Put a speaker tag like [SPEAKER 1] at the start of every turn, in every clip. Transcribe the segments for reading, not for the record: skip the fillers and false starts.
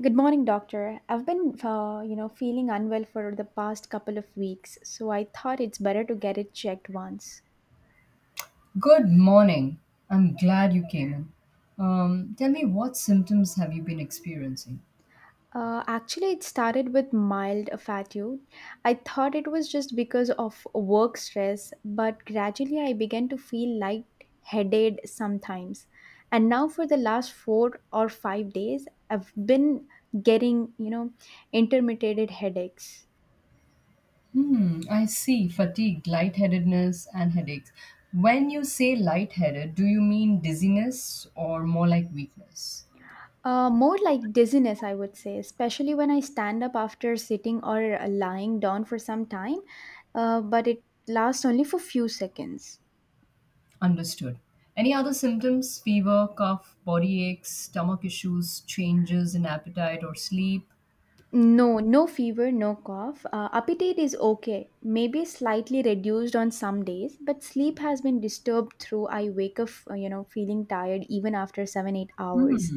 [SPEAKER 1] Good morning, doctor. I've been, feeling unwell for the past couple of weeks, so I thought it's better to get it checked once.
[SPEAKER 2] Good morning. I'm glad you came in. Tell me, what symptoms have you been experiencing?
[SPEAKER 1] Actually, it started with mild fatigue. I thought it was just because of work stress, but gradually I began to feel light-headed sometimes. And now, for the last 4 or 5 days, I've been getting, intermittent headaches.
[SPEAKER 2] I see fatigue, lightheadedness, and headaches. When you say lightheaded, do you mean dizziness or more like weakness?
[SPEAKER 1] More like dizziness, I would say, especially when I stand up after sitting or lying down for some time, but it lasts only for few seconds.
[SPEAKER 2] Understood. Any other symptoms? Fever, cough, body aches, stomach issues, changes in appetite or sleep?
[SPEAKER 1] No, no fever, no cough. Appetite is okay, maybe slightly reduced on some days, but sleep has been disturbed through. I wake up, feeling tired even after seven, 8 hours.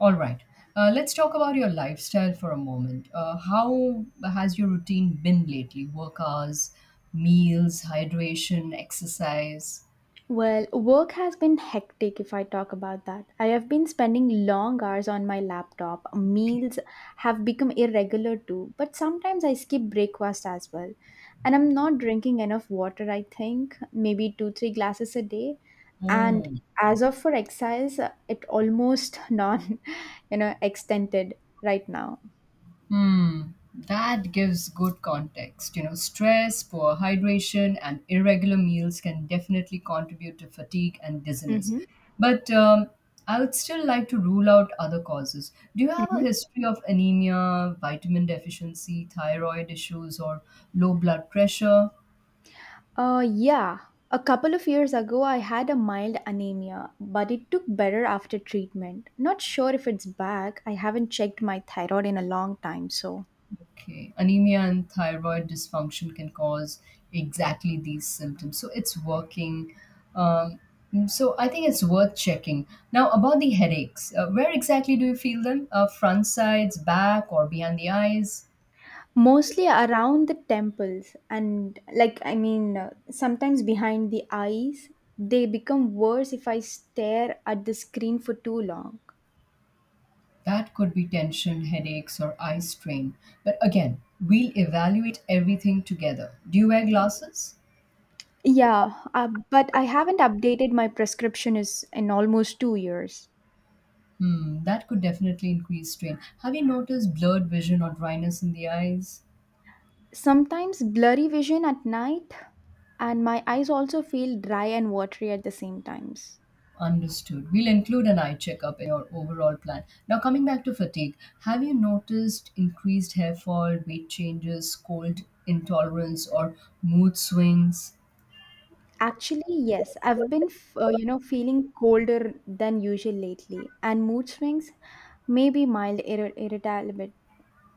[SPEAKER 2] All right. Let's talk about your lifestyle for a moment. How has your routine been lately? Work hours, meals, hydration, exercise.
[SPEAKER 1] Well, work has been hectic if I talk about that. I have been spending long hours on my laptop.
[SPEAKER 2] Okay.
[SPEAKER 1] Meals have become irregular too, but sometimes I skip breakfast as well. And I'm not drinking enough water, I think, maybe two, three glasses a day. And
[SPEAKER 2] Oh.
[SPEAKER 1] as of for exercise, it almost non, extended right now.
[SPEAKER 2] Hmm, that gives good context. Stress, poor hydration, and irregular meals can definitely contribute to fatigue and dizziness.
[SPEAKER 1] Mm-hmm.
[SPEAKER 2] But I would still like to rule out other causes. Do you have a history of anemia, vitamin deficiency, thyroid issues, or low blood pressure?
[SPEAKER 1] Yeah. A couple of years ago, I had a mild anemia, but it took better after treatment. Not sure if it's back. I haven't checked my thyroid in a long time, so.
[SPEAKER 2] Okay. Anemia and thyroid dysfunction can cause exactly these symptoms. So it's working. Um, so I think it's worth checking. Now, about the headaches, where exactly do you feel them? Front sides, back, or behind the eyes?
[SPEAKER 1] Mostly around the temples, and like, I mean, sometimes behind the eyes. They become worse if I stare at the screen for too long.
[SPEAKER 2] That could be tension, headaches, or eye strain. But again, we'll evaluate everything together. Do you wear glasses?
[SPEAKER 1] Yeah, but I haven't updated my prescription is in almost 2 years.
[SPEAKER 2] That could definitely increase strain. Have you noticed blurred vision or dryness in the eyes?
[SPEAKER 1] Sometimes blurry vision at night, and my eyes also feel dry and watery at the same times.
[SPEAKER 2] Understood. We'll include an eye checkup in your overall plan. Now, coming back to fatigue, have you noticed increased hair fall, weight changes, cold intolerance, or mood swings?
[SPEAKER 1] Actually, yes, I've been, feeling colder than usual lately, and mood swings may be mild ir- irritability.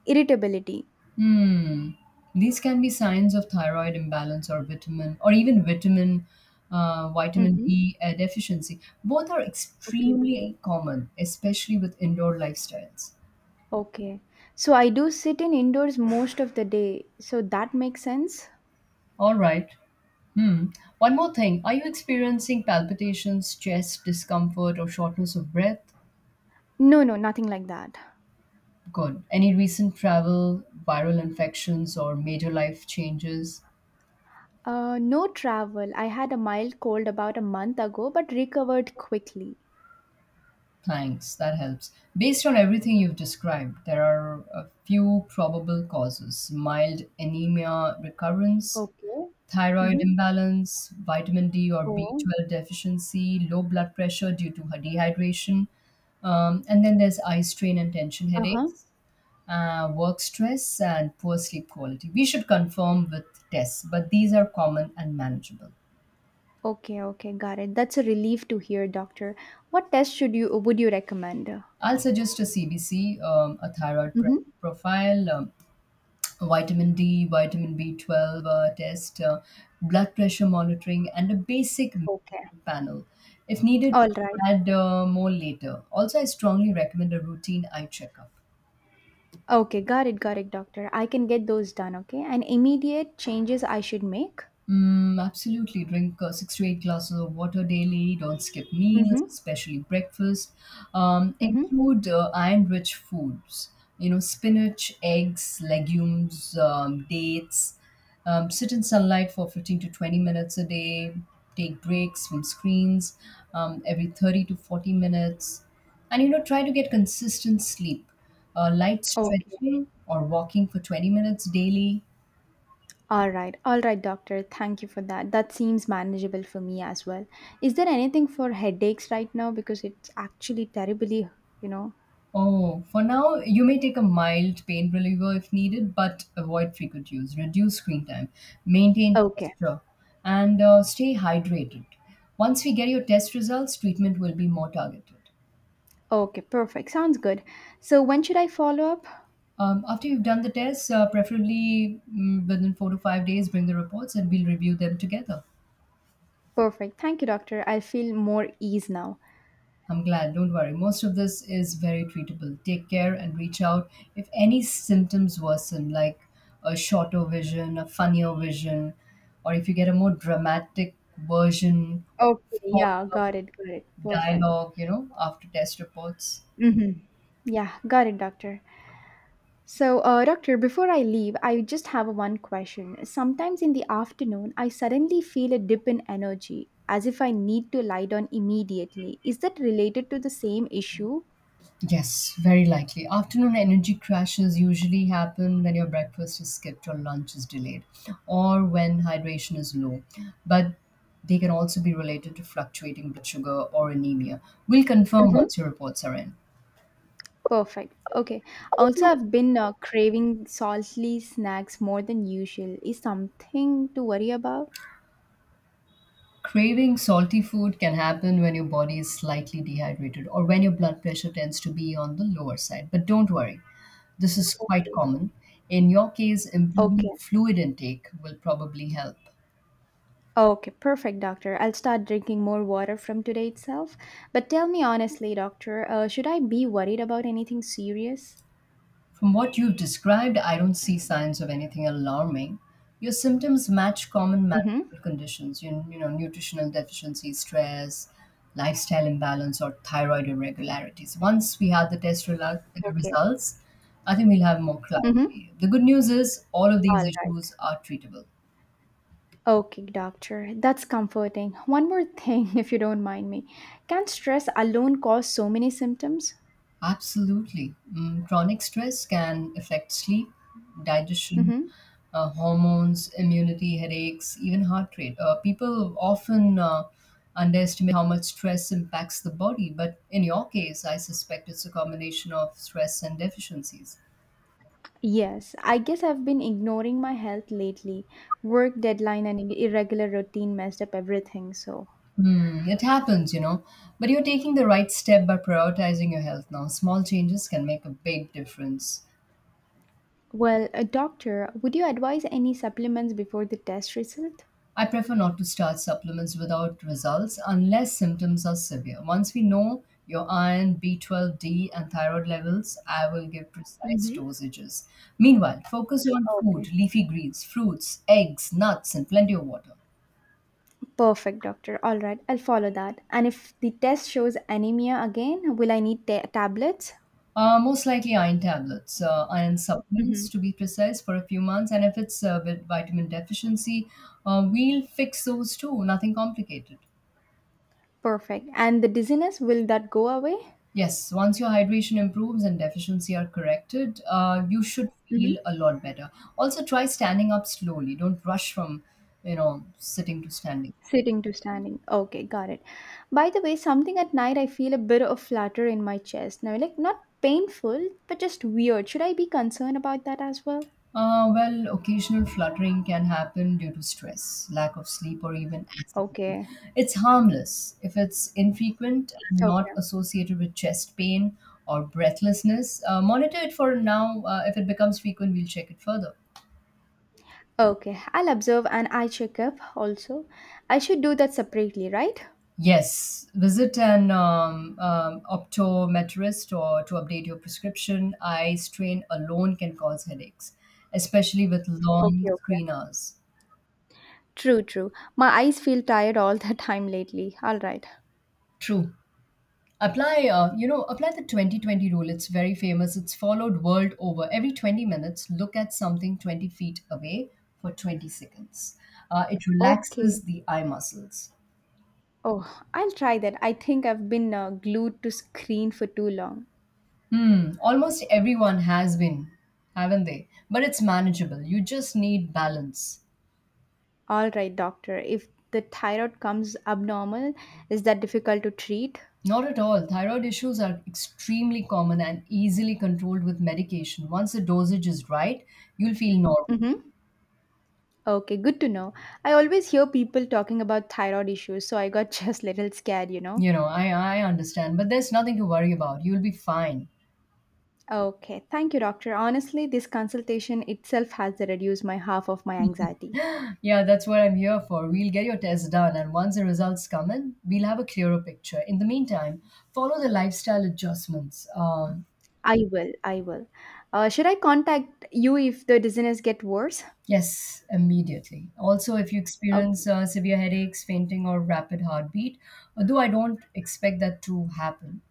[SPEAKER 1] irritability.
[SPEAKER 2] Hmm. These can be signs of thyroid imbalance or vitamin, or even vitamin, vitamin
[SPEAKER 1] Mm-hmm.
[SPEAKER 2] D deficiency. Both are
[SPEAKER 1] Okay.
[SPEAKER 2] extremely common, especially with indoor lifestyles.
[SPEAKER 1] Okay. So I do sit in indoors most of the day. So that makes sense?
[SPEAKER 2] All right. Hmm. One more thing. Are you experiencing palpitations, chest discomfort, or shortness of breath?
[SPEAKER 1] No, no, nothing like that.
[SPEAKER 2] Good. Any recent travel, viral infections, or major life changes?
[SPEAKER 1] No travel. I had a mild cold about a month ago, but recovered quickly.
[SPEAKER 2] Thanks. That helps. Based on everything you've described, there are a few probable causes: mild anemia recurrence,
[SPEAKER 1] Okay.
[SPEAKER 2] thyroid
[SPEAKER 1] Mm-hmm.
[SPEAKER 2] imbalance, vitamin D or
[SPEAKER 1] Oh.
[SPEAKER 2] B12 deficiency, low blood pressure due to dehydration, and then there's eye strain and tension
[SPEAKER 1] Uh huh.
[SPEAKER 2] headaches, work stress, and poor sleep quality. We should confirm with tests, but these are common and manageable.
[SPEAKER 1] Okay, okay, got it. That's a relief to hear, doctor. What test should you would you recommend?
[SPEAKER 2] I'll suggest a CBC, a thyroid
[SPEAKER 1] Mm-hmm.
[SPEAKER 2] profile, vitamin D, vitamin B12 test, blood pressure monitoring, and a basic
[SPEAKER 1] Okay.
[SPEAKER 2] panel. If needed,
[SPEAKER 1] All right.
[SPEAKER 2] add more later. Also, I strongly recommend a routine eye checkup.
[SPEAKER 1] Okay, got it, doctor. I can get those done, okay? And immediate changes I should make?
[SPEAKER 2] Mm, absolutely. Drink six to eight glasses of water daily. Don't skip meals,
[SPEAKER 1] Mm-hmm.
[SPEAKER 2] especially breakfast.
[SPEAKER 1] Mm-hmm.
[SPEAKER 2] Include iron-rich foods. Spinach, eggs, legumes, dates. Sit in sunlight for 15 to 20 minutes a day. Take breaks from screens every 30 to 40 minutes. And try to get consistent sleep. Light
[SPEAKER 1] Okay.
[SPEAKER 2] stretching or walking for 20 minutes daily.
[SPEAKER 1] All right. All right, doctor. Thank you for that. That seems manageable for me as well. Is there anything for headaches right now? Because it's actually terribly, you know.
[SPEAKER 2] Oh, for now, you may take a mild pain reliever if needed, but avoid frequent use. Reduce screen time, maintain
[SPEAKER 1] Okay.
[SPEAKER 2] posture, and stay hydrated. Once we get your test results, treatment will be more targeted.
[SPEAKER 1] Okay, perfect. Sounds good. So when should I follow up?
[SPEAKER 2] After you've done the tests, preferably within 4 to 5 days, bring the reports and we'll review them together.
[SPEAKER 1] Perfect. Thank you, doctor. I feel more ease now.
[SPEAKER 2] I'm glad. Don't worry. Most of this is very treatable. Take care and reach out if any symptoms worsen, like a shorter vision, a funnier vision, or if you get a more dramatic version of
[SPEAKER 1] Okay, yeah,
[SPEAKER 2] follow-up
[SPEAKER 1] got it, got it. Perfect.
[SPEAKER 2] dialogue after test reports.
[SPEAKER 1] Mm-hmm. Yeah, got it, doctor. So, doctor, before I leave, I just have one question. Sometimes in the afternoon, I suddenly feel a dip in energy, as if I need to lie down immediately. Is that related to the same issue?
[SPEAKER 2] Yes, very likely. Afternoon energy crashes usually happen when your breakfast is skipped or lunch is delayed, or when hydration is low. But they can also be related to fluctuating blood sugar or anemia. We'll confirm
[SPEAKER 1] Mm-hmm.
[SPEAKER 2] once your reports are in.
[SPEAKER 1] Perfect. Okay. Also, I've been craving salty snacks more than usual. Is something to worry about?
[SPEAKER 2] Craving salty food can happen when your body is slightly dehydrated or when your blood pressure tends to be on the lower side. But don't worry, this is quite
[SPEAKER 1] Okay.
[SPEAKER 2] common. In your case,
[SPEAKER 1] Okay.
[SPEAKER 2] improving fluid intake will probably help.
[SPEAKER 1] Okay. Perfect, doctor. I'll start drinking more water from today itself. But tell me honestly, doctor, should I be worried about anything serious?
[SPEAKER 2] From what you've described, I don't see signs of anything alarming. Your symptoms match common
[SPEAKER 1] Mm-hmm.
[SPEAKER 2] medical conditions, nutritional deficiency, stress, lifestyle imbalance, or thyroid irregularities. Once we have the test
[SPEAKER 1] Okay.
[SPEAKER 2] results, I think we'll have more
[SPEAKER 1] Mm-hmm.
[SPEAKER 2] clarity. The good news is all of
[SPEAKER 1] All
[SPEAKER 2] these
[SPEAKER 1] right.
[SPEAKER 2] issues are treatable.
[SPEAKER 1] Okay, doctor. That's comforting. One more thing, if you don't mind me. Can stress alone cause so many symptoms?
[SPEAKER 2] Absolutely. Chronic stress can affect sleep, digestion,
[SPEAKER 1] Mm-hmm.
[SPEAKER 2] hormones, immunity, headaches, even heart rate. People often underestimate how much stress impacts the body, but in your case, I suspect it's a combination of stress and deficiencies.
[SPEAKER 1] Yes, I guess I've been ignoring my health lately. Work deadline and irregular routine messed up everything. So,
[SPEAKER 2] It happens. But you're taking the right step by prioritizing your health now. Small changes can make a big difference.
[SPEAKER 1] well, a doctor, would you advise any supplements before the test result?
[SPEAKER 2] I prefer not to start supplements without results unless symptoms are severe. Once we know your iron, B12, D, and thyroid levels, I will give precise
[SPEAKER 1] Hmm.
[SPEAKER 2] dosages. Meanwhile, focus on food,
[SPEAKER 1] Okay.
[SPEAKER 2] leafy greens, fruits, eggs, nuts, and plenty of water.
[SPEAKER 1] Perfect, doctor. All right, I'll follow that. And if the test shows anemia again, will I need tablets?
[SPEAKER 2] Most likely iron
[SPEAKER 1] Hmm.
[SPEAKER 2] supplements to be precise for a few months. And if it's vitamin deficiency, we'll fix those too, nothing complicated.
[SPEAKER 1] Perfect. And the dizziness, will that go away?
[SPEAKER 2] Yes, once your hydration improves and deficiency are corrected, you should feel a lot better. Also, try standing up slowly. Don't rush from sitting to standing.
[SPEAKER 1] Sitting to standing. Okay, got it. By the way, something at night I feel a bit of flutter in my chest. Now, like not painful, but just weird. Should I be concerned about that as well?
[SPEAKER 2] Well, occasional fluttering can happen due to stress, lack of sleep, or even accident.
[SPEAKER 1] Okay.
[SPEAKER 2] It's harmless if it's infrequent and not
[SPEAKER 1] Okay.
[SPEAKER 2] associated with chest pain or breathlessness. Monitor it for now. If it becomes frequent, we'll check it further.
[SPEAKER 1] Okay. I'll observe and I check up also. I should do that separately, right?
[SPEAKER 2] Yes, visit an optometrist or to update your prescription. Eye strain alone can cause headaches, especially with long
[SPEAKER 1] Okay, okay.
[SPEAKER 2] screen hours.
[SPEAKER 1] True, true. My eyes feel tired all the time lately. All right.
[SPEAKER 2] True. Apply the 2020 rule. It's very famous. It's followed world over. Every 20 minutes, look at something 20 feet away for 20 seconds. It
[SPEAKER 1] Okay.
[SPEAKER 2] relaxes the eye muscles.
[SPEAKER 1] Oh, I'll try that. I think I've been glued to screen for too long.
[SPEAKER 2] Hmm. Almost everyone has been, haven't they? But it's manageable. You just need balance.
[SPEAKER 1] All right, doctor. If the thyroid comes abnormal, is that difficult to treat?
[SPEAKER 2] Not at all. Thyroid issues are extremely common and easily controlled with medication. Once the dosage is right, you'll feel normal.
[SPEAKER 1] Mm-hmm. Okay, good to know. I always hear people talking about thyroid issues, so I got just little scared.
[SPEAKER 2] You know, I, I understand, but there's nothing to worry about. You'll be fine.
[SPEAKER 1] Okay, thank you, doctor. Honestly, this consultation itself has reduced my half of my anxiety.
[SPEAKER 2] Yeah, that's what I'm here for. We'll get your test done, and once the results come in, we'll have a clearer picture. In the meantime, follow the lifestyle adjustments.
[SPEAKER 1] I will, I will. Should I contact you if the dizziness get worse?
[SPEAKER 2] Yes, immediately. Also, if you
[SPEAKER 1] Okay.
[SPEAKER 2] experience severe headaches, fainting, or rapid heartbeat, although I don't expect that to happen.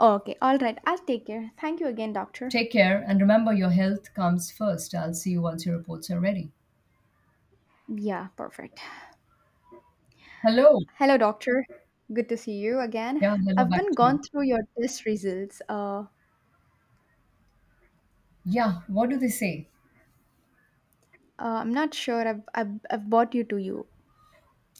[SPEAKER 1] Okay, all right. I'll take care. Thank you again, doctor.
[SPEAKER 2] Take care and remember your health comes first. I'll see you once your reports are ready.
[SPEAKER 1] Yeah, perfect.
[SPEAKER 2] Hello.
[SPEAKER 1] Hello, doctor. Good to see you again.
[SPEAKER 2] Yeah, hello
[SPEAKER 1] I've
[SPEAKER 2] back
[SPEAKER 1] been
[SPEAKER 2] to
[SPEAKER 1] gone
[SPEAKER 2] you.
[SPEAKER 1] through your test results.
[SPEAKER 2] Yeah, what do they say?
[SPEAKER 1] I'm not sure. I've brought you to you.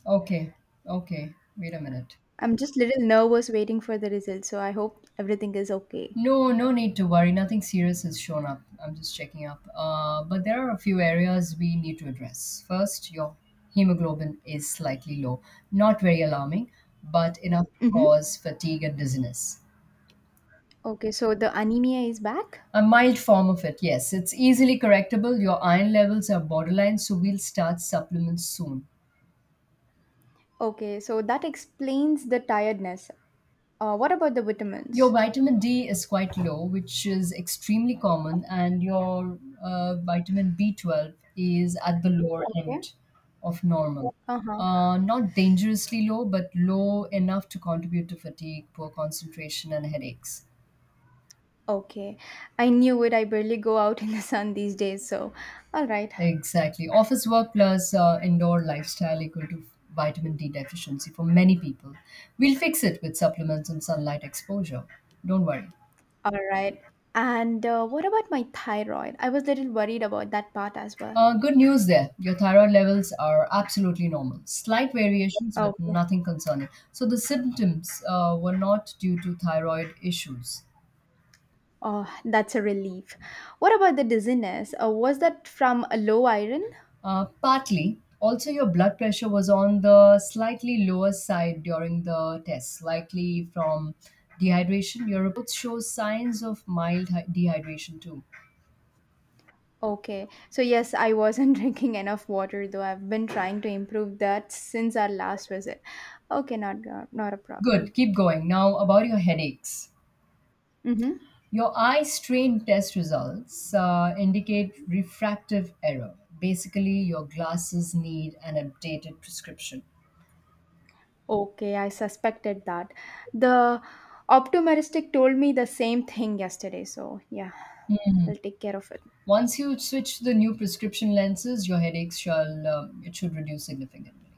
[SPEAKER 2] Okay, okay, wait a minute.
[SPEAKER 1] I'm just little nervous waiting for the results. So I hope everything is okay.
[SPEAKER 2] No, no need to worry. Nothing serious has shown up. I'm just checking up. But there are a few areas we need to address. First, your hemoglobin is slightly low. Not very alarming, but enough to
[SPEAKER 1] Mm-hmm.
[SPEAKER 2] cause fatigue and dizziness.
[SPEAKER 1] Okay. So the anemia is back.
[SPEAKER 2] A mild form of it, yes. It's easily correctable. Your iron levels are borderline, so we'll start supplements soon.
[SPEAKER 1] Okay. So that explains the tiredness. What about the
[SPEAKER 2] Your
[SPEAKER 1] vitamins?
[SPEAKER 2] vitamin D is quite low, which is extremely common, and your vitamin B12 is at the lower
[SPEAKER 1] Okay.
[SPEAKER 2] end of normal.
[SPEAKER 1] Uh huh.
[SPEAKER 2] Not dangerously low, but low enough to contribute to fatigue, poor concentration, and headaches.
[SPEAKER 1] Okay. I knew it. I barely go out in the sun these days. So, all right.
[SPEAKER 2] Exactly. Office work plus indoor lifestyle equal to vitamin D deficiency for many people. We'll fix it with supplements and sunlight exposure. Don't worry.
[SPEAKER 1] All right. And what about my thyroid? I was a little worried about that part as well.
[SPEAKER 2] Good news there. Your thyroid levels are absolutely normal. Slight variations, but
[SPEAKER 1] Okay.
[SPEAKER 2] nothing concerning. So the symptoms were not due to thyroid issues.
[SPEAKER 1] Oh, that's a relief. What about the dizziness? Was that from a low iron?
[SPEAKER 2] Partly. Also, your blood pressure was on the slightly lower side during the test, likely from dehydration. Your reports show signs of mild dehydration too.
[SPEAKER 1] Okay. So, yes, I wasn't drinking enough water, though I've been trying to improve that since our last visit. Okay, not a problem.
[SPEAKER 2] Good, keep going. Now, about your headaches.
[SPEAKER 1] Mm-hmm.
[SPEAKER 2] Your eye strain test results indicate refractive error. Basically, your glasses need an updated prescription.
[SPEAKER 1] Okay, I suspected that. The optometrist told me the same thing yesterday, so yeah, I'll take care of it.
[SPEAKER 2] Once you switch to the new prescription lenses, your headaches shall it should reduce significantly.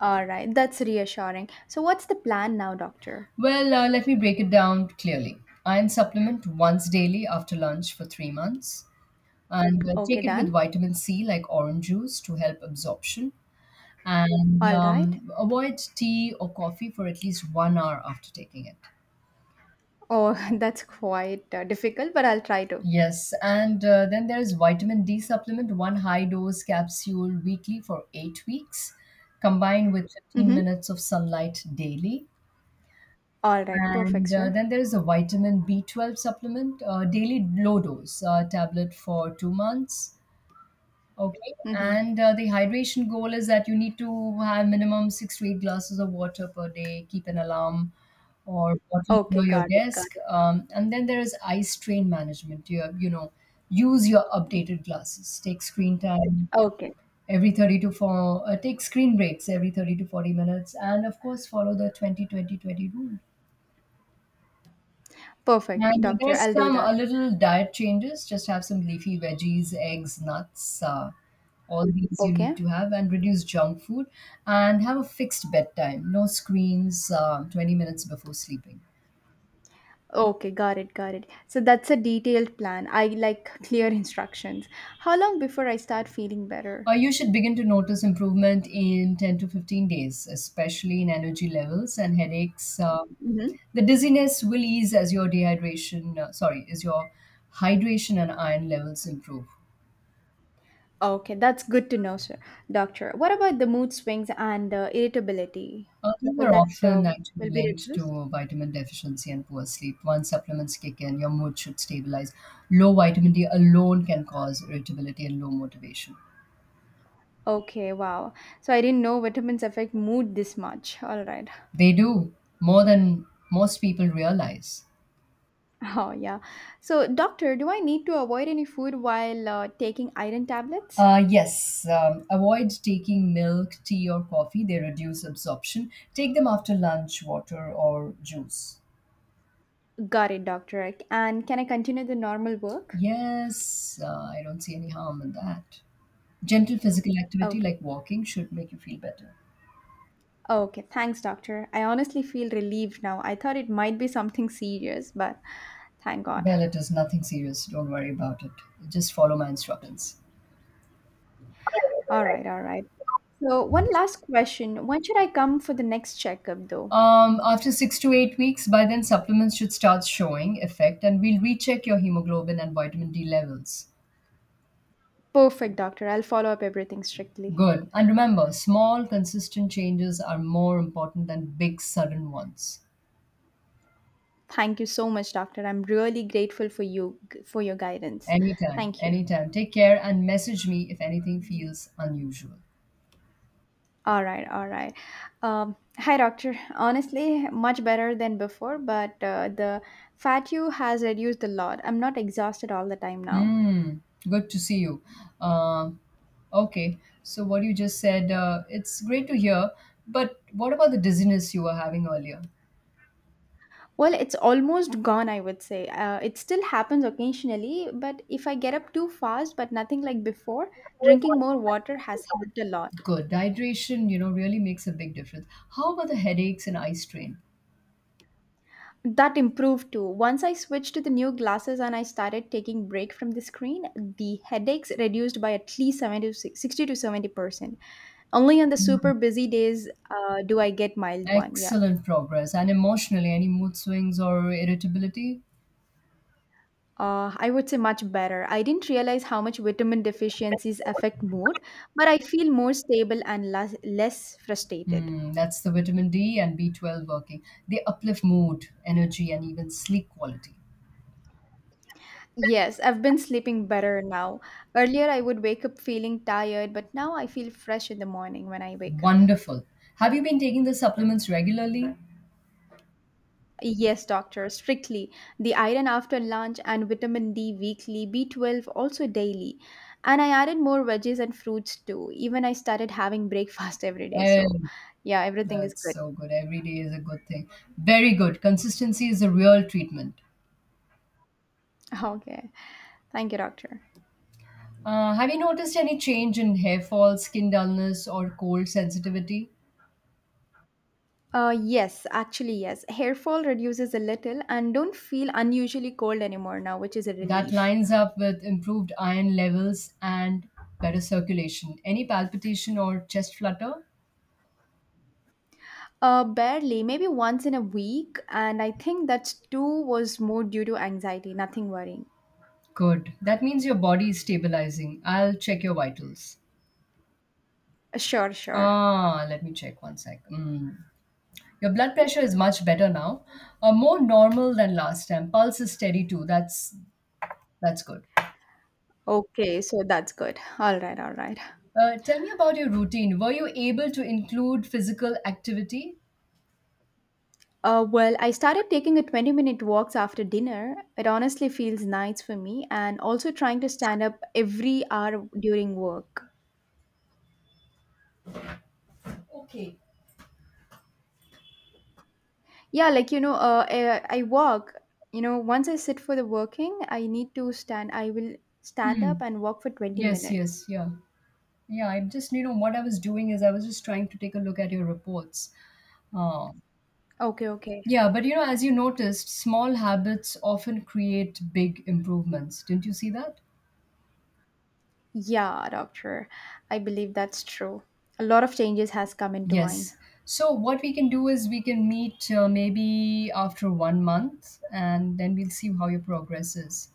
[SPEAKER 1] All right, that's reassuring. So, what's the plan now, doctor?
[SPEAKER 2] Well, let me break it down clearly. Iron supplement once daily after lunch for 3 months, and
[SPEAKER 1] Okay,
[SPEAKER 2] take it with
[SPEAKER 1] done.
[SPEAKER 2] vitamin C like orange juice to help absorption. And
[SPEAKER 1] All right.
[SPEAKER 2] avoid tea or coffee for at least 1 hour after taking it.
[SPEAKER 1] Oh, that's quite difficult, but I'll try to.
[SPEAKER 2] Yes, and then there is vitamin D supplement, one high dose capsule weekly for 8 weeks, combined with 15
[SPEAKER 1] Mm-hmm.
[SPEAKER 2] minutes of sunlight daily.
[SPEAKER 1] All right, perfect,
[SPEAKER 2] And
[SPEAKER 1] sir.
[SPEAKER 2] then there is a vitamin B12 supplement, daily low dose tablet for 2 months. Okay.
[SPEAKER 1] Mm-hmm.
[SPEAKER 2] And the hydration goal is that you need to have minimum six to eight glasses of water per day, keep an alarm or bottle
[SPEAKER 1] Okay,
[SPEAKER 2] near your
[SPEAKER 1] got it, got
[SPEAKER 2] desk.
[SPEAKER 1] it.
[SPEAKER 2] And then there is eye strain management. You, have- you know, use your updated glasses,
[SPEAKER 1] Okay,
[SPEAKER 2] take screen breaks every 30 to 40 minutes and of course follow the 20-20-20 rule.
[SPEAKER 1] perfect,
[SPEAKER 2] And
[SPEAKER 1] doctor.
[SPEAKER 2] there's
[SPEAKER 1] I'll do
[SPEAKER 2] some a
[SPEAKER 1] that.
[SPEAKER 2] little diet changes. Just have some leafy veggies, eggs, nuts. All these you
[SPEAKER 1] Okay.
[SPEAKER 2] need to have and reduce junk food and have a fixed bedtime. No screens 20 minutes before sleeping.
[SPEAKER 1] Okay, got it, got it. So that's a detailed plan. I like clear instructions. How long before I start feeling better?
[SPEAKER 2] You should begin to notice improvement in 10 to 15 days, especially in energy levels and headaches.
[SPEAKER 1] Mm-hmm.
[SPEAKER 2] The dizziness will ease as your hydration and iron levels improve.
[SPEAKER 1] Okay, that's good to know, sir. Doctor, what about the mood swings and irritability?
[SPEAKER 2] These
[SPEAKER 1] Will
[SPEAKER 2] are
[SPEAKER 1] that uh,
[SPEAKER 2] often actually
[SPEAKER 1] will be
[SPEAKER 2] linked
[SPEAKER 1] reduced?
[SPEAKER 2] to vitamin deficiency and poor sleep. Once supplements kick in, your mood should stabilize. Low vitamin D alone can cause irritability and low motivation.
[SPEAKER 1] Okay, wow. So I didn't know vitamins affect mood this much. All right.
[SPEAKER 2] They do more than most people realize.
[SPEAKER 1] Oh, yeah. So, doctor, do I need to avoid any food while taking iron tablets?
[SPEAKER 2] Yes, avoid taking milk, tea, or coffee. They reduce absorption. Take them after lunch, water, or juice.
[SPEAKER 1] Got it, doctor. And can I continue the normal work?
[SPEAKER 2] Yes, I don't see any harm in that. Gentle physical activity
[SPEAKER 1] Okay.
[SPEAKER 2] like walking should make you feel better.
[SPEAKER 1] Okay, thanks, doctor. I honestly feel relieved now. I thought it might be something serious, but thank God.
[SPEAKER 2] Well, it is nothing serious. Don't worry about it. Just follow my instructions.
[SPEAKER 1] All right, all right. So, one last question. When should I come for the next checkup, though?
[SPEAKER 2] After six to eight weeks, by then supplements should start showing effect, and we'll recheck your hemoglobin and vitamin D levels.
[SPEAKER 1] Perfect, doctor. I'll follow up everything strictly.
[SPEAKER 2] Good. And remember, small, consistent changes are more important than big, sudden ones.
[SPEAKER 1] Thank you so much, doctor. I'm really grateful for your guidance.
[SPEAKER 2] Anytime,
[SPEAKER 1] Thank you.
[SPEAKER 2] anytime. Take care and message me if anything feels unusual.
[SPEAKER 1] All right, all right. Hi, doctor. Honestly, much better than before, but the fat you has reduced a lot. I'm not exhausted all the time now.
[SPEAKER 2] Mm, good to see you. Uh, okay, so what you just said, it's great to hear. But what about the dizziness you were having earlier?
[SPEAKER 1] Well, it's almost gone, I would say. It still happens occasionally, but if I get up too fast, but nothing like before, drinking more water has helped a lot.
[SPEAKER 2] Good. Dehydration, you know, really makes a big difference. How about the headaches and eye strain?
[SPEAKER 1] That improved too. Once I switched to the new glasses and I started taking break from the screen, the headaches reduced by at least 70 to 60 to 70%. Only on the super busy days do I get mild one. Yeah.
[SPEAKER 2] Excellent progress. And emotionally, any mood swings or irritability?
[SPEAKER 1] I would say much better. I didn't realize how much vitamin deficiencies affect mood, but I feel more stable and less frustrated.
[SPEAKER 2] Hmm, that's the vitamin D and B12 working. They uplift mood, energy, and even sleep quality.
[SPEAKER 1] Yes, I've been sleeping better now. Earlier, I would wake up feeling tired, but now I feel fresh in the morning when I wake up.
[SPEAKER 2] Wonderful. Have you been taking the supplements regularly?
[SPEAKER 1] Yes, doctor, strictly. The iron after lunch and vitamin D weekly, B12 also daily. And I added more veggies and fruits too. Even I started having breakfast every day.
[SPEAKER 2] Well.
[SPEAKER 1] So, yeah, everything is
[SPEAKER 2] That's
[SPEAKER 1] good.
[SPEAKER 2] so good. Every day is a good thing. Very good. Consistency is a real treatment.
[SPEAKER 1] Okay. Thank you, doctor.
[SPEAKER 2] Have you noticed any change in hair fall, skin dullness, or cold sensitivity?
[SPEAKER 1] Yes, actually, yes. Hair fall reduces a little and don't feel unusually cold anymore now, which is a
[SPEAKER 2] That
[SPEAKER 1] relief.
[SPEAKER 2] lines up with improved iron levels and better circulation. Any palpitation or chest flutter?
[SPEAKER 1] Barely, maybe once in a week, and I think that too was more due to anxiety, nothing worrying.
[SPEAKER 2] Good. That means your body is stabilizing. I'll check your vitals.
[SPEAKER 1] Sure, sure.
[SPEAKER 2] Ah, let me check one sec. Mm. Your blood pressure is much better now. More normal than last time. Pulse is steady too. That's good.
[SPEAKER 1] Okay, so that's good. All right, all right.
[SPEAKER 2] Tell me about your routine. Were you able to include physical activity?
[SPEAKER 1] Well, I started taking a 20-minute walks after dinner. It honestly feels nice for me, and also trying to stand up every hour during work.
[SPEAKER 2] Okay.
[SPEAKER 1] Yeah, like you know, I walk. You know, once I sit for the working, I need to stand. I will stand
[SPEAKER 2] Hmm.
[SPEAKER 1] up and walk for twenty
[SPEAKER 2] Yes,
[SPEAKER 1] minutes.
[SPEAKER 2] yes, yeah. Yeah, I'm just, you know, what I was doing is I was just trying to take a look at your reports. Uh,
[SPEAKER 1] Okay, okay.
[SPEAKER 2] yeah, but you know, as you noticed, small habits often create big improvements. Didn't you see that?
[SPEAKER 1] Yeah, doctor. I believe that's true. A lot of changes has come into mine.
[SPEAKER 2] Yes. So, what we can do is we can meet maybe after one month and then we'll see how your progress is.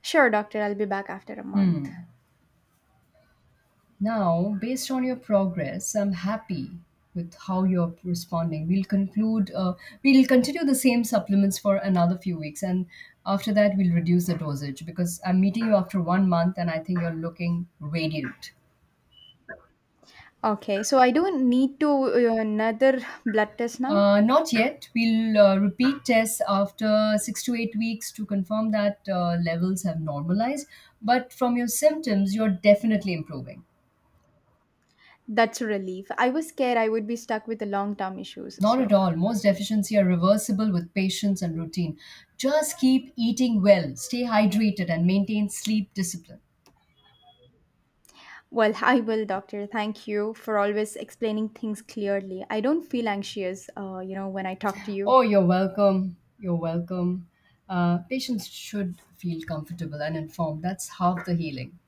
[SPEAKER 1] Sure, doctor. I'll be back after a month.
[SPEAKER 2] Hmm. Now, based on your progress, I'm happy with how you're responding. We'll continue the same supplements for another few weeks, and after that, we'll reduce the dosage because I'm meeting you after one month and I think you're looking radiant.
[SPEAKER 1] Okay, so I don't need to another blood test now.
[SPEAKER 2] Not yet. We'll repeat tests after six to eight weeks to confirm that levels have normalized. But from your symptoms, you're definitely improving.
[SPEAKER 1] That's a relief. I was scared I would be stuck with the long term issues.
[SPEAKER 2] Not at
[SPEAKER 1] So
[SPEAKER 2] all. Most deficiency are reversible with patience and routine. Just keep eating well, stay hydrated, and maintain sleep discipline.
[SPEAKER 1] well, I will, doctor. Thank you for always explaining things clearly. I don't feel anxious, when I talk to you.
[SPEAKER 2] Oh, you're welcome. You're welcome. Patients should feel comfortable and informed. That's half the healing.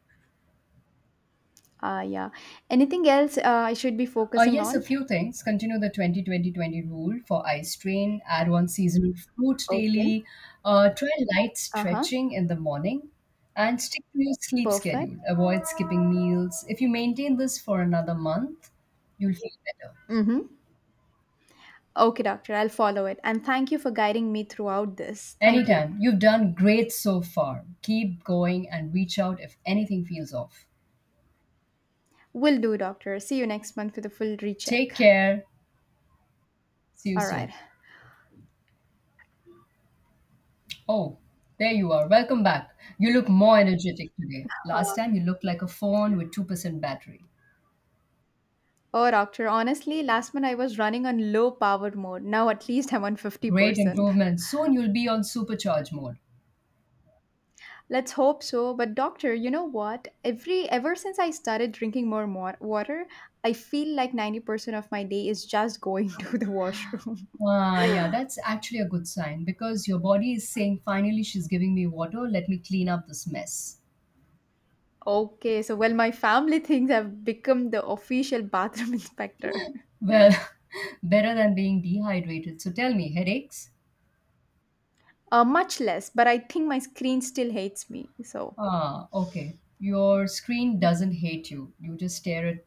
[SPEAKER 1] Yeah. Anything else I should be focusing
[SPEAKER 2] Yes, a
[SPEAKER 1] on?
[SPEAKER 2] few things. Continue the 20-20-20 rule for eye strain. Add one seasonal fruit
[SPEAKER 1] Okay.
[SPEAKER 2] daily. Try light
[SPEAKER 1] Uh huh.
[SPEAKER 2] stretching in the morning. And stick to your sleep
[SPEAKER 1] Perfect.
[SPEAKER 2] schedule. Avoid skipping meals. If you maintain this for another month, you'll feel better.
[SPEAKER 1] Mm-hmm. Okay, doctor, I'll follow it. And thank you for guiding me throughout this. Thank you.
[SPEAKER 2] Anytime. You've done great so far. Keep going and reach out if anything feels off.
[SPEAKER 1] Will do, doctor. See you next month with a full recheck.
[SPEAKER 2] Take care. See you
[SPEAKER 1] All right.
[SPEAKER 2] soon. Oh, there you are. Welcome back. You look more energetic today. Last time you looked like a phone with 2% battery.
[SPEAKER 1] Oh, doctor, honestly, last month I was running on low powered mode. Now at least I'm on
[SPEAKER 2] Great
[SPEAKER 1] 50%.
[SPEAKER 2] improvement. Soon you'll be on supercharge mode.
[SPEAKER 1] Let's hope so. But doctor, you know what? Ever since I started drinking water, I feel like 90% of my day is just going to the washroom.
[SPEAKER 2] Ah, yeah, that's actually a good sign because your body is saying, finally, she's giving me water. Let me clean up this mess.
[SPEAKER 1] Okay, so well, my family thinks I've become the official bathroom inspector.
[SPEAKER 2] Well, better than being dehydrated. So tell me, headaches?
[SPEAKER 1] Much less, but I think my screen still hates me. So
[SPEAKER 2] Ah, okay. Your screen doesn't hate you. You just stare at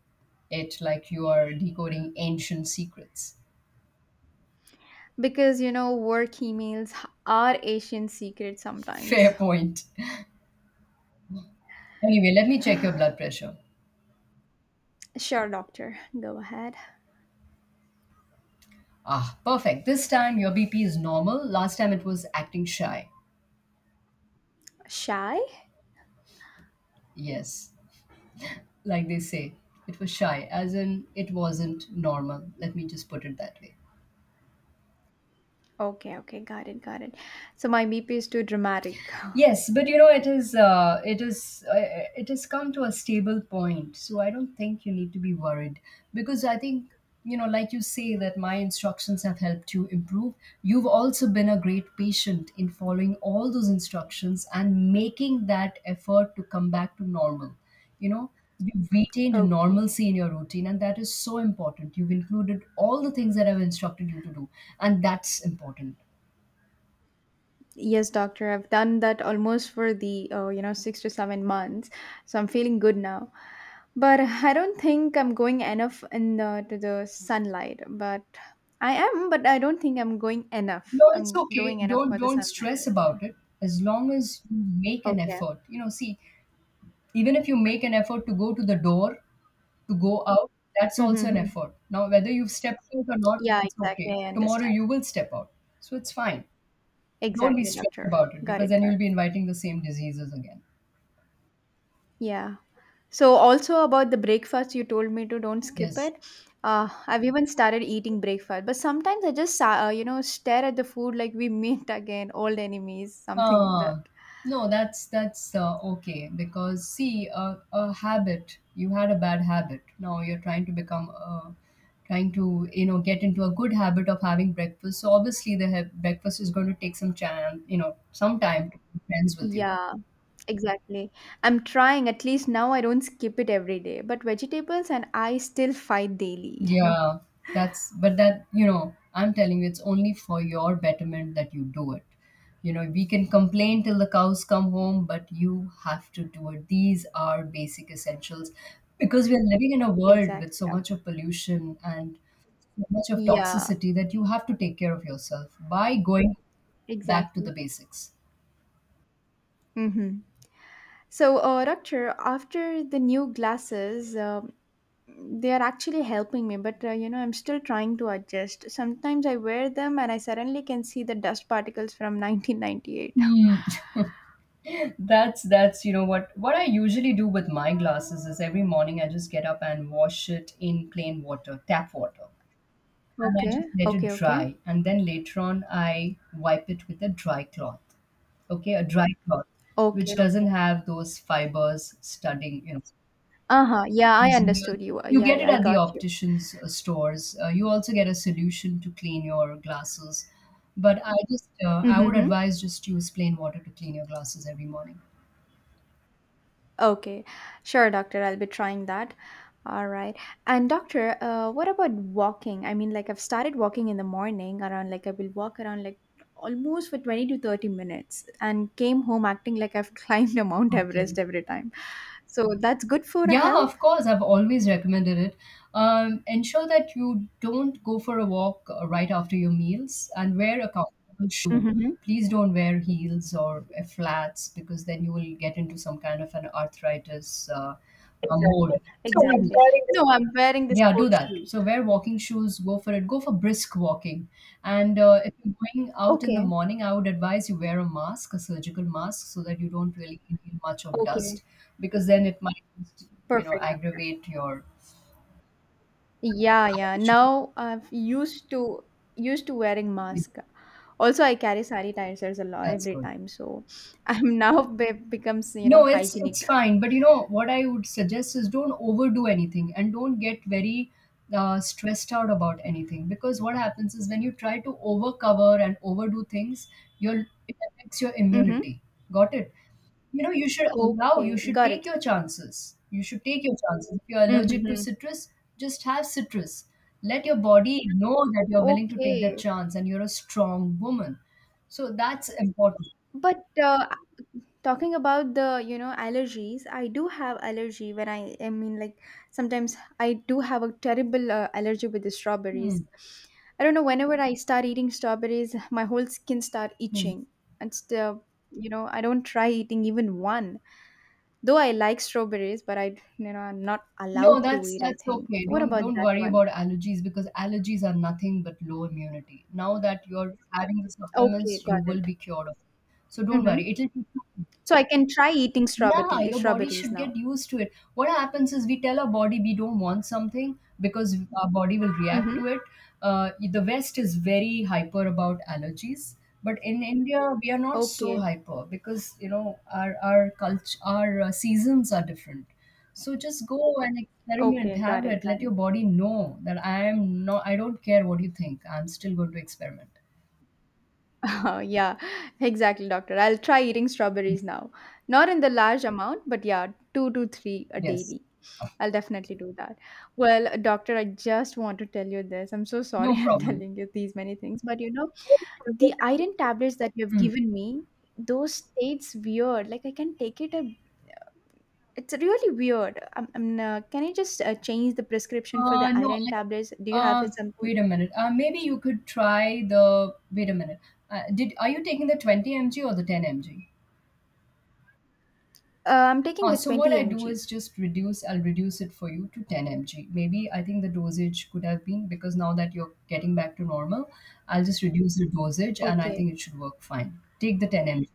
[SPEAKER 2] it like you are decoding ancient secrets.
[SPEAKER 1] because you know work emails are Asian secret sometimes.
[SPEAKER 2] Fair point. Anyway, let me check your blood pressure.
[SPEAKER 1] Sure, doctor. Go ahead.
[SPEAKER 2] Ah, perfect. This time your BP is normal. Last time it was acting shy.
[SPEAKER 1] Shy?
[SPEAKER 2] Yes, like they say, it was shy, as in it wasn't normal. Let me just put it that way.
[SPEAKER 1] Okay, okay, got it, got it. So my BP is too dramatic.
[SPEAKER 2] Yes, but you know it has come to a stable point. So I don't think you need to be worried because I think you know like you say that my instructions have helped you improve. You've also been a great patient in following all those instructions and making that effort to come back to normal. You know, you've retained
[SPEAKER 1] Okay.
[SPEAKER 2] normalcy in your routine and that is so important. You've included all the things that I've instructed you to do and that's important.
[SPEAKER 1] Yes, doctor, I've done that almost for the you know 6 to 7 months, so I'm feeling good now. But I don't think I'm going enough in to the sunlight. But I am, but I don't think I'm going enough.
[SPEAKER 2] No, it's
[SPEAKER 1] I'm
[SPEAKER 2] okay.
[SPEAKER 1] doing enough
[SPEAKER 2] Don't
[SPEAKER 1] for the
[SPEAKER 2] don't
[SPEAKER 1] sunlight.
[SPEAKER 2] stress about it. As long as you make an
[SPEAKER 1] Okay.
[SPEAKER 2] effort. You know, see, even if you make an effort to go to the door, to go out, that's
[SPEAKER 1] Mm-hmm.
[SPEAKER 2] also an
[SPEAKER 1] Mm-hmm.
[SPEAKER 2] effort. Now, whether you've stepped out or not,
[SPEAKER 1] Yeah,
[SPEAKER 2] it's
[SPEAKER 1] exactly.
[SPEAKER 2] okay.
[SPEAKER 1] I
[SPEAKER 2] Tomorrow
[SPEAKER 1] understand.
[SPEAKER 2] you will step out. So it's fine. Don't be
[SPEAKER 1] Exactly,
[SPEAKER 2] stressed
[SPEAKER 1] doctor.
[SPEAKER 2] about it
[SPEAKER 1] Got
[SPEAKER 2] because
[SPEAKER 1] it.
[SPEAKER 2] then
[SPEAKER 1] Got it.
[SPEAKER 2] you'll be inviting the same diseases again.
[SPEAKER 1] Yeah. So also about the breakfast, you told me to don't skip
[SPEAKER 2] Yes.
[SPEAKER 1] it. I've even started eating breakfast, but sometimes I just you know stare at the food like we meet again, old enemies, something that.
[SPEAKER 2] Uh, no, that's Okay because see, a habit you had a bad habit. Now you're trying to become trying to you know get into a good habit of having breakfast. So obviously the breakfast is going to take some time, you know, some time to be friends with you.
[SPEAKER 1] Yeah, exactly. I'm trying. At least now I don't skip it every day. But vegetables and I still fight daily. You know.
[SPEAKER 2] Yeah, that's but that you know, I'm telling you, it's only for your betterment that you do it. You know, we can complain till the cows come home, but you have to do it. These are basic essentials because we are living in a world with
[SPEAKER 1] Exactly.
[SPEAKER 2] so much of pollution and so much of
[SPEAKER 1] Yeah.
[SPEAKER 2] toxicity that you have to take care of yourself by going back to the
[SPEAKER 1] Exactly.
[SPEAKER 2] basics.
[SPEAKER 1] Mm-hmm. So, doctor, after the new glasses, they are actually helping me, but you know, I'm still trying to adjust. Sometimes I wear them and I suddenly can see the dust particles from 1998.
[SPEAKER 2] Hmm. That's you know what I usually do with my glasses is every morning I just get up and wash it in plain water, tap water, and I
[SPEAKER 1] Okay.
[SPEAKER 2] just let it
[SPEAKER 1] Okay. Okay.
[SPEAKER 2] dry. And then later on, I wipe it with a dry cloth. Okay, a dry cloth, which
[SPEAKER 1] Okay. Okay.
[SPEAKER 2] doesn't have those fibers studying, you know,
[SPEAKER 1] Uh-huh, yeah, I
[SPEAKER 2] those real.
[SPEAKER 1] understood you.
[SPEAKER 2] You
[SPEAKER 1] Yeah,
[SPEAKER 2] get
[SPEAKER 1] yeah,
[SPEAKER 2] it
[SPEAKER 1] I
[SPEAKER 2] at the
[SPEAKER 1] got you.
[SPEAKER 2] opticians' stores. You also get a solution to clean your glasses. But I just, I would
[SPEAKER 1] Mm-hmm.
[SPEAKER 2] advise just use plain water to clean your glasses every morning.
[SPEAKER 1] Okay. Sure, doctor, I'll be trying that. All right. And doctor, what about walking? I mean, like, I've started walking in the morning. Around like I will walk around like almost for 20 to 30 minutes and came home acting like I've climbed a Mount
[SPEAKER 2] Okay.
[SPEAKER 1] Everest every time. So that's good for a
[SPEAKER 2] Yeah,
[SPEAKER 1] health?
[SPEAKER 2] of course. I've always recommended it. Ensure that you don't go for a walk right after your meals and wear a comfortable shoe.
[SPEAKER 1] Mm-hmm.
[SPEAKER 2] Please don't wear heels or flats because then you will get into some kind of an arthritis mold. Exactly. So,
[SPEAKER 1] Exactly.
[SPEAKER 2] So,
[SPEAKER 1] No, I'm wearing the
[SPEAKER 2] yeah, do
[SPEAKER 1] sport
[SPEAKER 2] that.
[SPEAKER 1] shoes.
[SPEAKER 2] So wear walking shoes, go for it. Go for brisk walking. And if you're going out in the
[SPEAKER 1] Okay.
[SPEAKER 2] morning, I would advise you wear a mask, a surgical mask, so that you don't really inhale much of
[SPEAKER 1] Okay.
[SPEAKER 2] dust because then it might, you know,
[SPEAKER 1] Perfect.
[SPEAKER 2] aggravate your
[SPEAKER 1] Yeah,
[SPEAKER 2] eye
[SPEAKER 1] yeah.
[SPEAKER 2] issue.
[SPEAKER 1] Now I've used to used to wearing mask. Also, I carry sanitizers a lot
[SPEAKER 2] That's
[SPEAKER 1] every
[SPEAKER 2] good.
[SPEAKER 1] time, so I'm now be becomes you know
[SPEAKER 2] No, it's
[SPEAKER 1] hygienic.
[SPEAKER 2] fine. But you know what I would suggest is don't overdo anything and don't get very stressed out about anything because what happens is when you try to overcover and overdo things, you'll it affects your
[SPEAKER 1] Mm-hmm.
[SPEAKER 2] immunity. Got it? You know, you should allow, you
[SPEAKER 1] Okay,
[SPEAKER 2] should
[SPEAKER 1] got
[SPEAKER 2] take
[SPEAKER 1] it.
[SPEAKER 2] your chances. You should take your chances. If you're allergic to
[SPEAKER 1] Mm-hmm.
[SPEAKER 2] citrus, just have citrus. Let your body know that you're willing to take that
[SPEAKER 1] Okay,
[SPEAKER 2] chance and you're a strong woman. So that's important.
[SPEAKER 1] but talking about the you know allergies, I do have allergy when I mean, like, sometimes I do have a terrible allergy with the
[SPEAKER 2] Hmm.
[SPEAKER 1] strawberries. I don't know, whenever I start eating strawberries my whole skin start
[SPEAKER 2] Hmm.
[SPEAKER 1] itching. It's the, you know, I don't try eating even one, though I like strawberries, but I, you know, I'm not
[SPEAKER 2] No,
[SPEAKER 1] allowed to
[SPEAKER 2] that's
[SPEAKER 1] eat, I
[SPEAKER 2] that's
[SPEAKER 1] think.
[SPEAKER 2] okay.
[SPEAKER 1] What
[SPEAKER 2] Don't
[SPEAKER 1] about
[SPEAKER 2] don't
[SPEAKER 1] that
[SPEAKER 2] worry
[SPEAKER 1] one?
[SPEAKER 2] about allergies because allergies are nothing but low immunity. Now that you're having the
[SPEAKER 1] Okay,
[SPEAKER 2] supplements, you
[SPEAKER 1] got
[SPEAKER 2] will
[SPEAKER 1] it.
[SPEAKER 2] be cured of it. So don't
[SPEAKER 1] Mm-hmm.
[SPEAKER 2] worry. It'll take you
[SPEAKER 1] So I can try eating
[SPEAKER 2] yeah,
[SPEAKER 1] strawberry
[SPEAKER 2] your body
[SPEAKER 1] strawberries
[SPEAKER 2] should
[SPEAKER 1] now.
[SPEAKER 2] get used to it. What happens is we tell our body we don't want something because our body will react
[SPEAKER 1] Mm-hmm.
[SPEAKER 2] to it. The West is very hyper about allergies, but in India we are not so
[SPEAKER 1] Okay,
[SPEAKER 2] hyper because you know our culture, our seasons are different. So just go and experiment,
[SPEAKER 1] okay, got
[SPEAKER 2] have
[SPEAKER 1] it,
[SPEAKER 2] it.
[SPEAKER 1] got
[SPEAKER 2] Let your
[SPEAKER 1] it.
[SPEAKER 2] body know that I am not. I don't care what you think. I'm still going to experiment.
[SPEAKER 1] Oh, yeah, exactly, doctor, I'll try eating strawberries now. Not in the large amount, but yeah, two to three a
[SPEAKER 2] Yes,
[SPEAKER 1] daily. I'll definitely do that. Well, doctor, I just want to tell you this. I'm so sorry,
[SPEAKER 2] no
[SPEAKER 1] I'm
[SPEAKER 2] problem.
[SPEAKER 1] telling you these many things, but you know, the iron tablets that you have
[SPEAKER 2] Hmm.
[SPEAKER 1] given me, those tastes weird. Like, I can take it a, it's really weird. Am Can I just change the prescription for the
[SPEAKER 2] No,
[SPEAKER 1] iron tablets? Do
[SPEAKER 2] I,
[SPEAKER 1] you have something?
[SPEAKER 2] Wait a minute. Maybe you could try the. Wait a minute. Did Are you taking the 20 mg or the 10 mg?
[SPEAKER 1] I'm taking the
[SPEAKER 2] So what
[SPEAKER 1] 20
[SPEAKER 2] I do
[SPEAKER 1] mg.
[SPEAKER 2] is just reduce. I'll reduce it for you to 10 mg. Maybe I think the dosage could have been because now that you're getting back to normal, I'll just reduce the dosage and I
[SPEAKER 1] Okay.
[SPEAKER 2] think it should work fine. Take the 10 mg.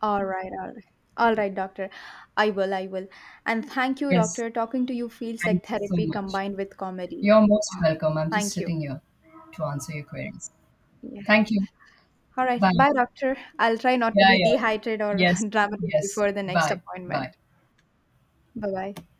[SPEAKER 1] All right, all right. All right, doctor. I will, I will. And thank you,
[SPEAKER 2] Yes.
[SPEAKER 1] doctor. Talking to you feels
[SPEAKER 2] Thank
[SPEAKER 1] like
[SPEAKER 2] you so
[SPEAKER 1] therapy
[SPEAKER 2] much.
[SPEAKER 1] combined with comedy.
[SPEAKER 2] You're most
[SPEAKER 1] Wow.
[SPEAKER 2] welcome. I'm just
[SPEAKER 1] Thank you.
[SPEAKER 2] sitting here to answer your queries.
[SPEAKER 1] Yeah.
[SPEAKER 2] Thank you.
[SPEAKER 1] All right.
[SPEAKER 2] Bye.
[SPEAKER 1] Bye, doctor. I'll try not to
[SPEAKER 2] Yeah,
[SPEAKER 1] be
[SPEAKER 2] yeah.
[SPEAKER 1] dehydrated or
[SPEAKER 2] Yes,
[SPEAKER 1] dramatic
[SPEAKER 2] yes.
[SPEAKER 1] before the next
[SPEAKER 2] Bye, bye.
[SPEAKER 1] appointment. Bye bye.